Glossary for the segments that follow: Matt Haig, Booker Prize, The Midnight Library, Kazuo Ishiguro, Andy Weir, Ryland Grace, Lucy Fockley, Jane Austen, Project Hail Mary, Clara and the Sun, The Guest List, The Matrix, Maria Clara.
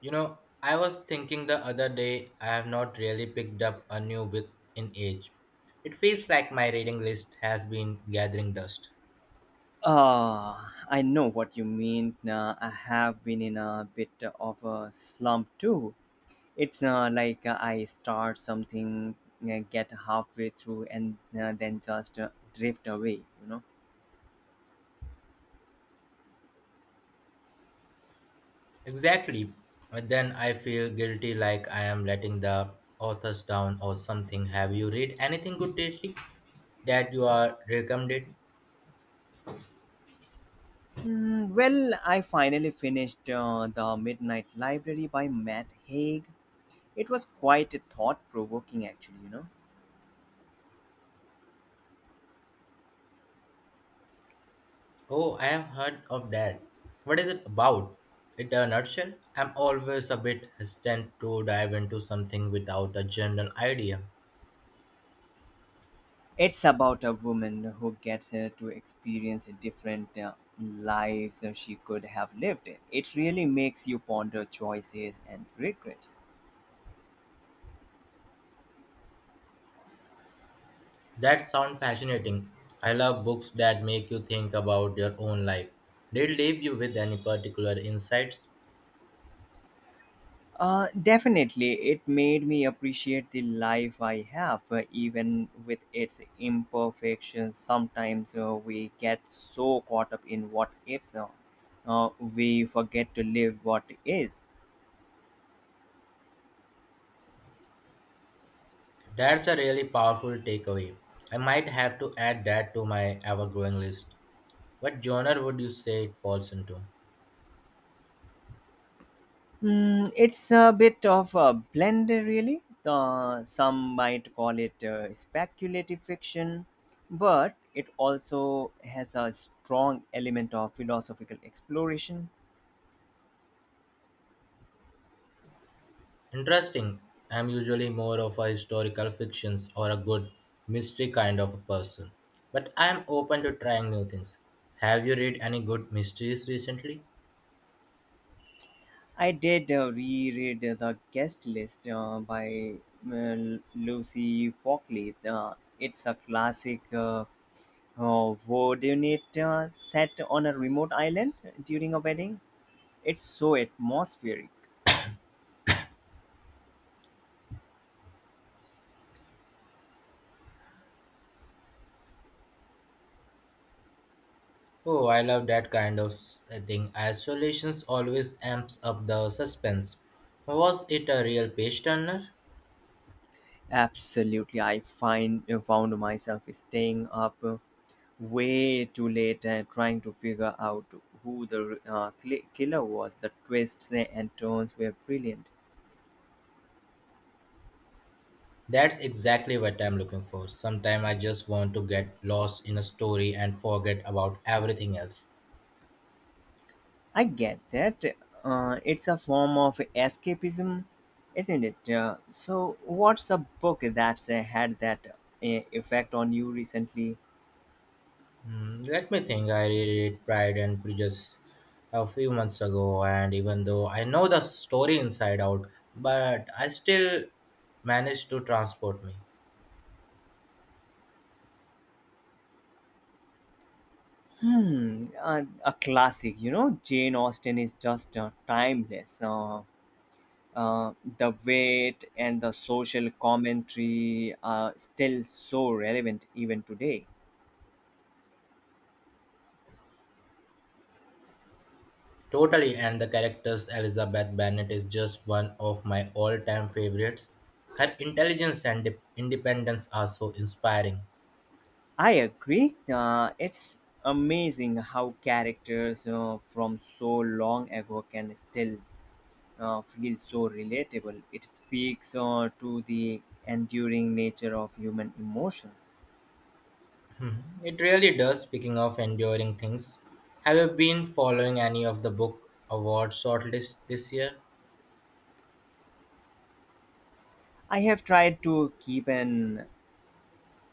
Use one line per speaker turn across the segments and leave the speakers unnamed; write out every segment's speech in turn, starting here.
You know, I was thinking the other day I have not really picked up a new book in age. It feels like my reading list has been gathering dust.
I know what you mean. I have been in a bit of a slump too. It's like I start something, get halfway through, and then just drift away, you know.
Exactly. But then I feel guilty like I am letting the authors down or something. Have you read anything good lately that you are recommended?
Mm, well, I finally finished The Midnight Library by Matt Haig. It was quite thought provoking, actually, you know.
Oh, I have heard of that. What is it about? In a nutshell, I'm always a bit hesitant to dive into something without a general idea.
It's about a woman who gets to experience different lives than she could have lived. It really makes you ponder choices and regrets.
That sounds fascinating. I love books that make you think about your own life. Did it leave you with any particular insights?
Definitely, it made me appreciate the life I have, even with its imperfections. Sometimes we get so caught up in what ifs, we forget to live what is.
That's a really powerful takeaway. I might have to add that to my ever growing list. What genre would you say it falls into?
Mm, it's a bit of a blend, really. Some might call it speculative fiction, but it also has a strong element of philosophical exploration.
Interesting. I'm usually more of a historical fictions or a good mystery kind of a person. But I'm open to trying new things. Have you read any good mysteries recently?
I did reread The Guest List by uh, Lucy Fockley. It's a classic whodunit set on a remote island during a wedding. It's so atmospheric.
Oh, I love that kind of thing. Isolations always amps up the suspense. Was it a real page turner?
Absolutely, I find found myself staying up way too late and trying to figure out who the killer was. The twists and turns were brilliant.
That's exactly what I'm looking for. Sometimes I just want to get lost in a story and forget about everything else.
I get that. It's a form of escapism, isn't it? So, what's a book that's had that effect on you recently?
Hmm, let me think. I reread Pride and Prejudice a few months ago, and even though I know the story inside out, but I still managed to transport me.
Hmm, a classic. You know, Jane Austen is just timeless. The weight and the social commentary are still so relevant even today.
Totally, and the character's Elizabeth Bennet is just one of my all-time favorites. Her intelligence and independence are so inspiring.
I agree. It's amazing how characters from so long ago can still feel so relatable. It speaks to the enduring nature of human emotions.
It really does. Speaking of enduring things, have you been following any of the book award shortlist this year?
I have tried to keep an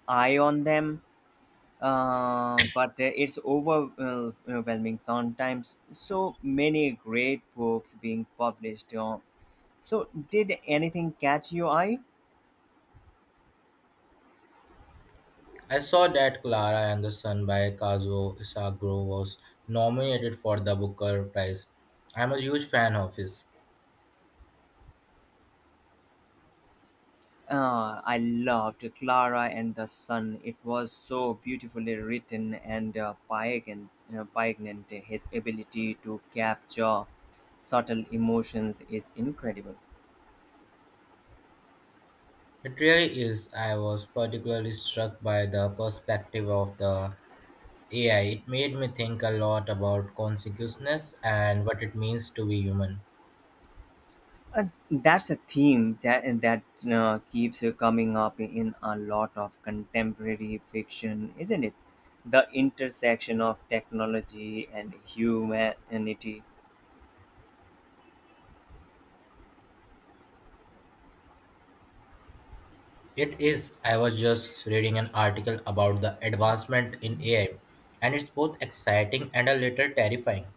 eye on them but it's overwhelming sometimes. So many great books being published. So, did anything catch your eye?
I saw that Clara and the Sun by Kazuo Isaguro was nominated for the Booker Prize. I'm a huge fan of his.
I loved Clara and the Sun. It was so beautifully written, and poignant. Pagan, his ability to capture subtle emotions is incredible.
It really is. I was particularly struck by the perspective of the. Yeah, it made me think a lot about consciousness and what it means to be human.
That's a theme that keeps coming up in a lot of contemporary fiction, isn't it? The intersection of technology and humanity.
It is, I was just reading an article about the advancement in AI, and it's both exciting and a little terrifying.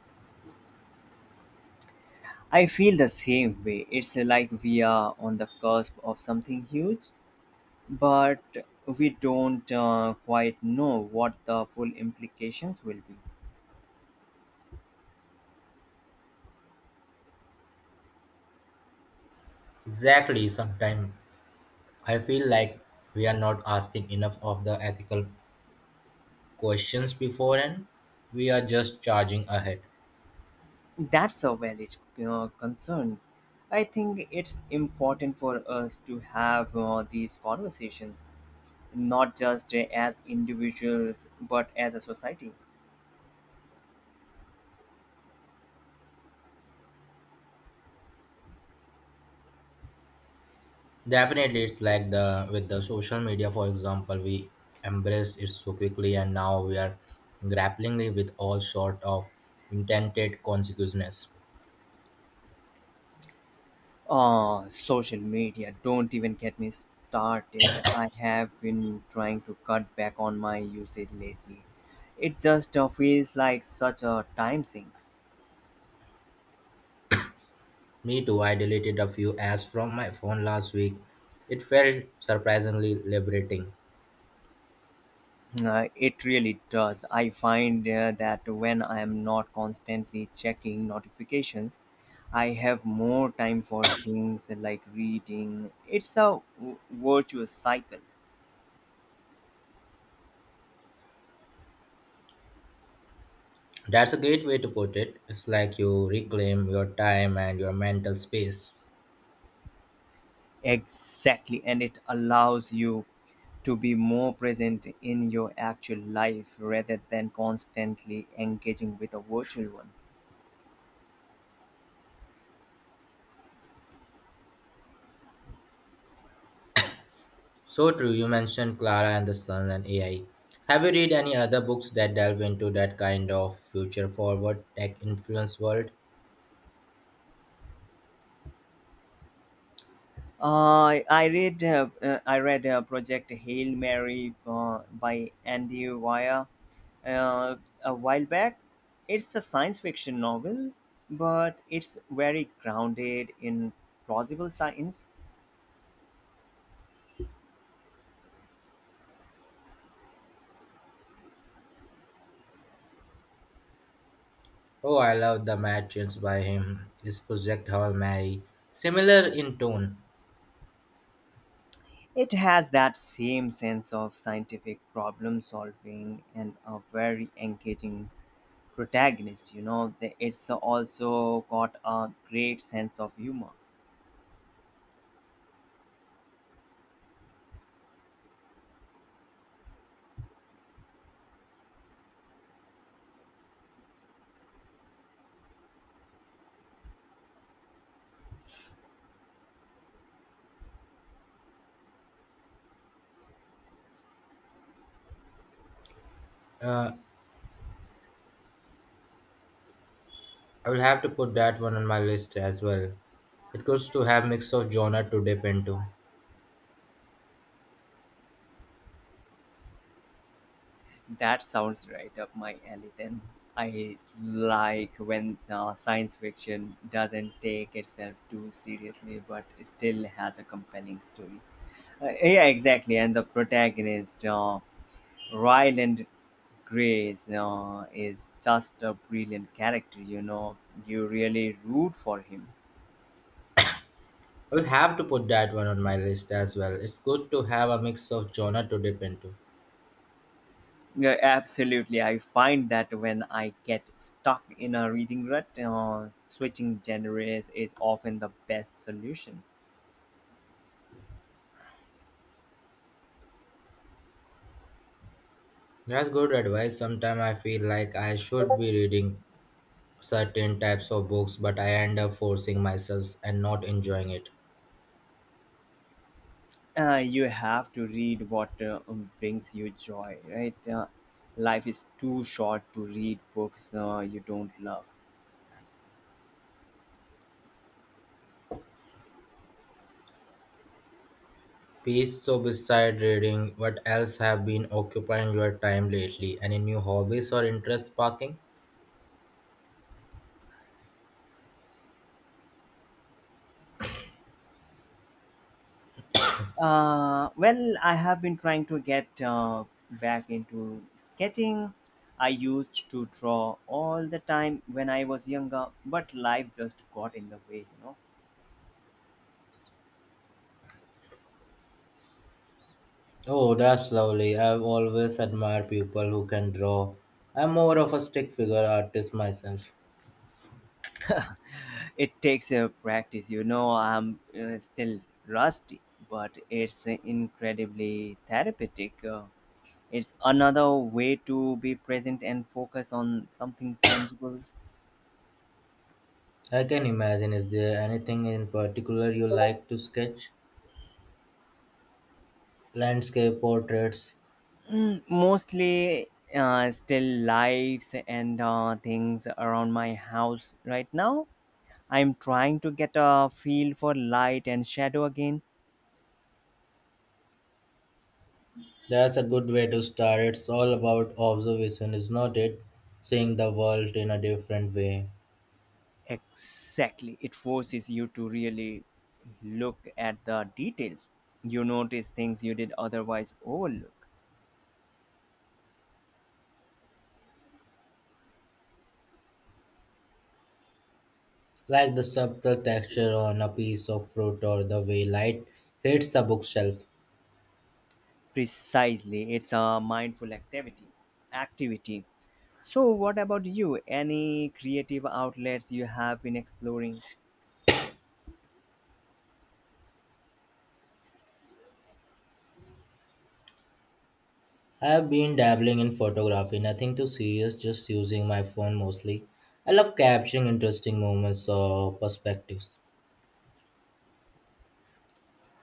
I feel the same way. It's like we are on the cusp of something huge, but we don't quite know what the full implications will be.
Exactly, sometimes I feel like we are not asking enough of the ethical questions beforehand, we are just charging ahead.
That's a valid concern. I think it's important for us to have these conversations, not just as individuals, but as a society.
Definitely, it's like the with the social media, for example, we embrace it so quickly, and now we are grappling with all sort of intended consequences.
Oh, social media, don't even get me started. I have been trying to cut back on my usage lately. It just feels like such a time sink.
Me too. I deleted a few apps from my phone last week. It felt surprisingly liberating.
It really does. I find that when I am not constantly checking notifications, I have more time for things like reading. It's a virtuous cycle.
That's a great way to put it. It's like you reclaim your time and your mental space.
Exactly, and it allows you to be more present in your actual life rather than constantly engaging with a virtual one.
So true, you mentioned Clara and the Sun and AI. Have you read any other books that delve into that kind of future forward tech influence world?
I read Project Hail Mary by Andy Weir uh, a while back. It's a science fiction novel, but it's very grounded in plausible science.
Oh, I love The Matrix by him. His Project Hail Mary. Similar in tone.
It has that same sense of scientific problem solving and a very engaging protagonist. You know, it's also got a great sense of humor.
Uh, I will have to put that one on my list as well. It goes to have mix of genre to dip into.
That sounds right up my alley then. I like when science fiction doesn't take itself too seriously but still has a compelling story. Yeah, exactly. And the protagonist, Ryland Grace, is just a brilliant character, you know. You really root for him.
I will have to put that one on my list as well. It's good to have a mix of genre to dip into.
Yeah, absolutely. I find that when I get stuck in a reading rut, switching genres is often the best solution.
That's good advice. Sometimes I feel like I should be reading certain types of books, but I end up forcing myself and not enjoying it.
You have to read what brings you joy, right? Life is too short to read books you don't love.
Peace, so beside reading, what else have been occupying your time lately? Any new hobbies or interests sparking?
Well, I have been trying to get back into sketching. I used to draw all the time when I was younger, but life just got in the way, you know.
Oh, that's lovely. I've always admired people who can draw. I'm more of a stick figure artist myself.
It takes a practice, you know. I'm still rusty, but it's incredibly therapeutic. It's another way to be present and focus on something tangible.
I can imagine. Is there anything in particular you like to sketch? Landscape portraits.
Mm, mostly still lives and things around my house right now. I'm trying to get a feel for light and shadow again.
That's a good way to start. It's all about observation, is not it? Seeing the world in a different way.
Exactly. It forces you to really look at the details. You notice things you did otherwise overlook.
Like the subtle texture on a piece of fruit or the way light hits the bookshelf.
Precisely. It's a mindful activity. Activity. So, what about you? Any creative outlets you have been exploring?
I have been dabbling in photography, nothing too serious, just using my phone mostly. I love capturing interesting moments or perspectives.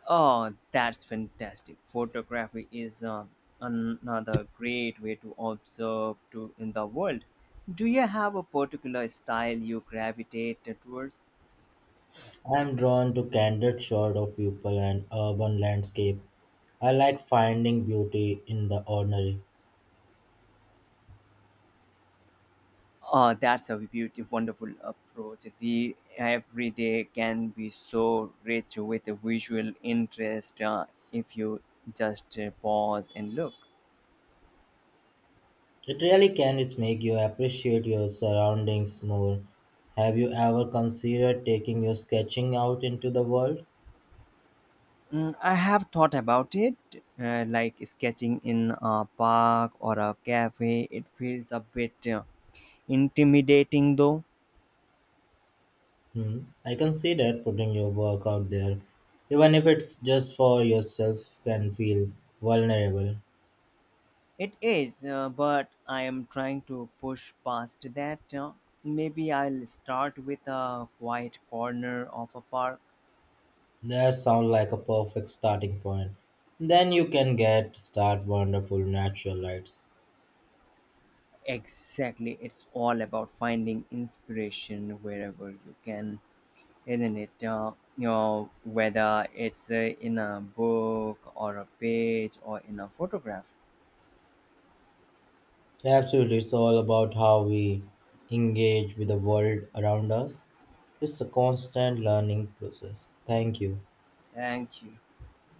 Oh, that's fantastic. Photography is another great way to observe to in the world. Do you have a particular style you gravitate towards?
I am drawn to candid shots of people and urban landscape. I like finding beauty in the ordinary.
Oh, that's a beautiful, wonderful approach. The everyday can be so rich with a visual interest if you just pause and look.
It really can it's make you appreciate your surroundings more. Have you ever considered taking your sketching out into the world?
Mm, I have thought about it, like sketching in a park or a cafe. It feels a bit intimidating, though.
Hmm. I can see that putting your work out there, even if it's just for yourself, can feel vulnerable.
It is, but I am trying to push past that. Maybe I'll start with a quiet corner of a park.
That sounds like a perfect starting point. Then you can get start wonderful natural lights.
Exactly, it's all about finding inspiration wherever you can, isn't it? You know, whether it's in a book or a page or in a photograph.
Absolutely, it's all about how we engage with the world around us. It's a constant learning process. Thank you.
Thank you.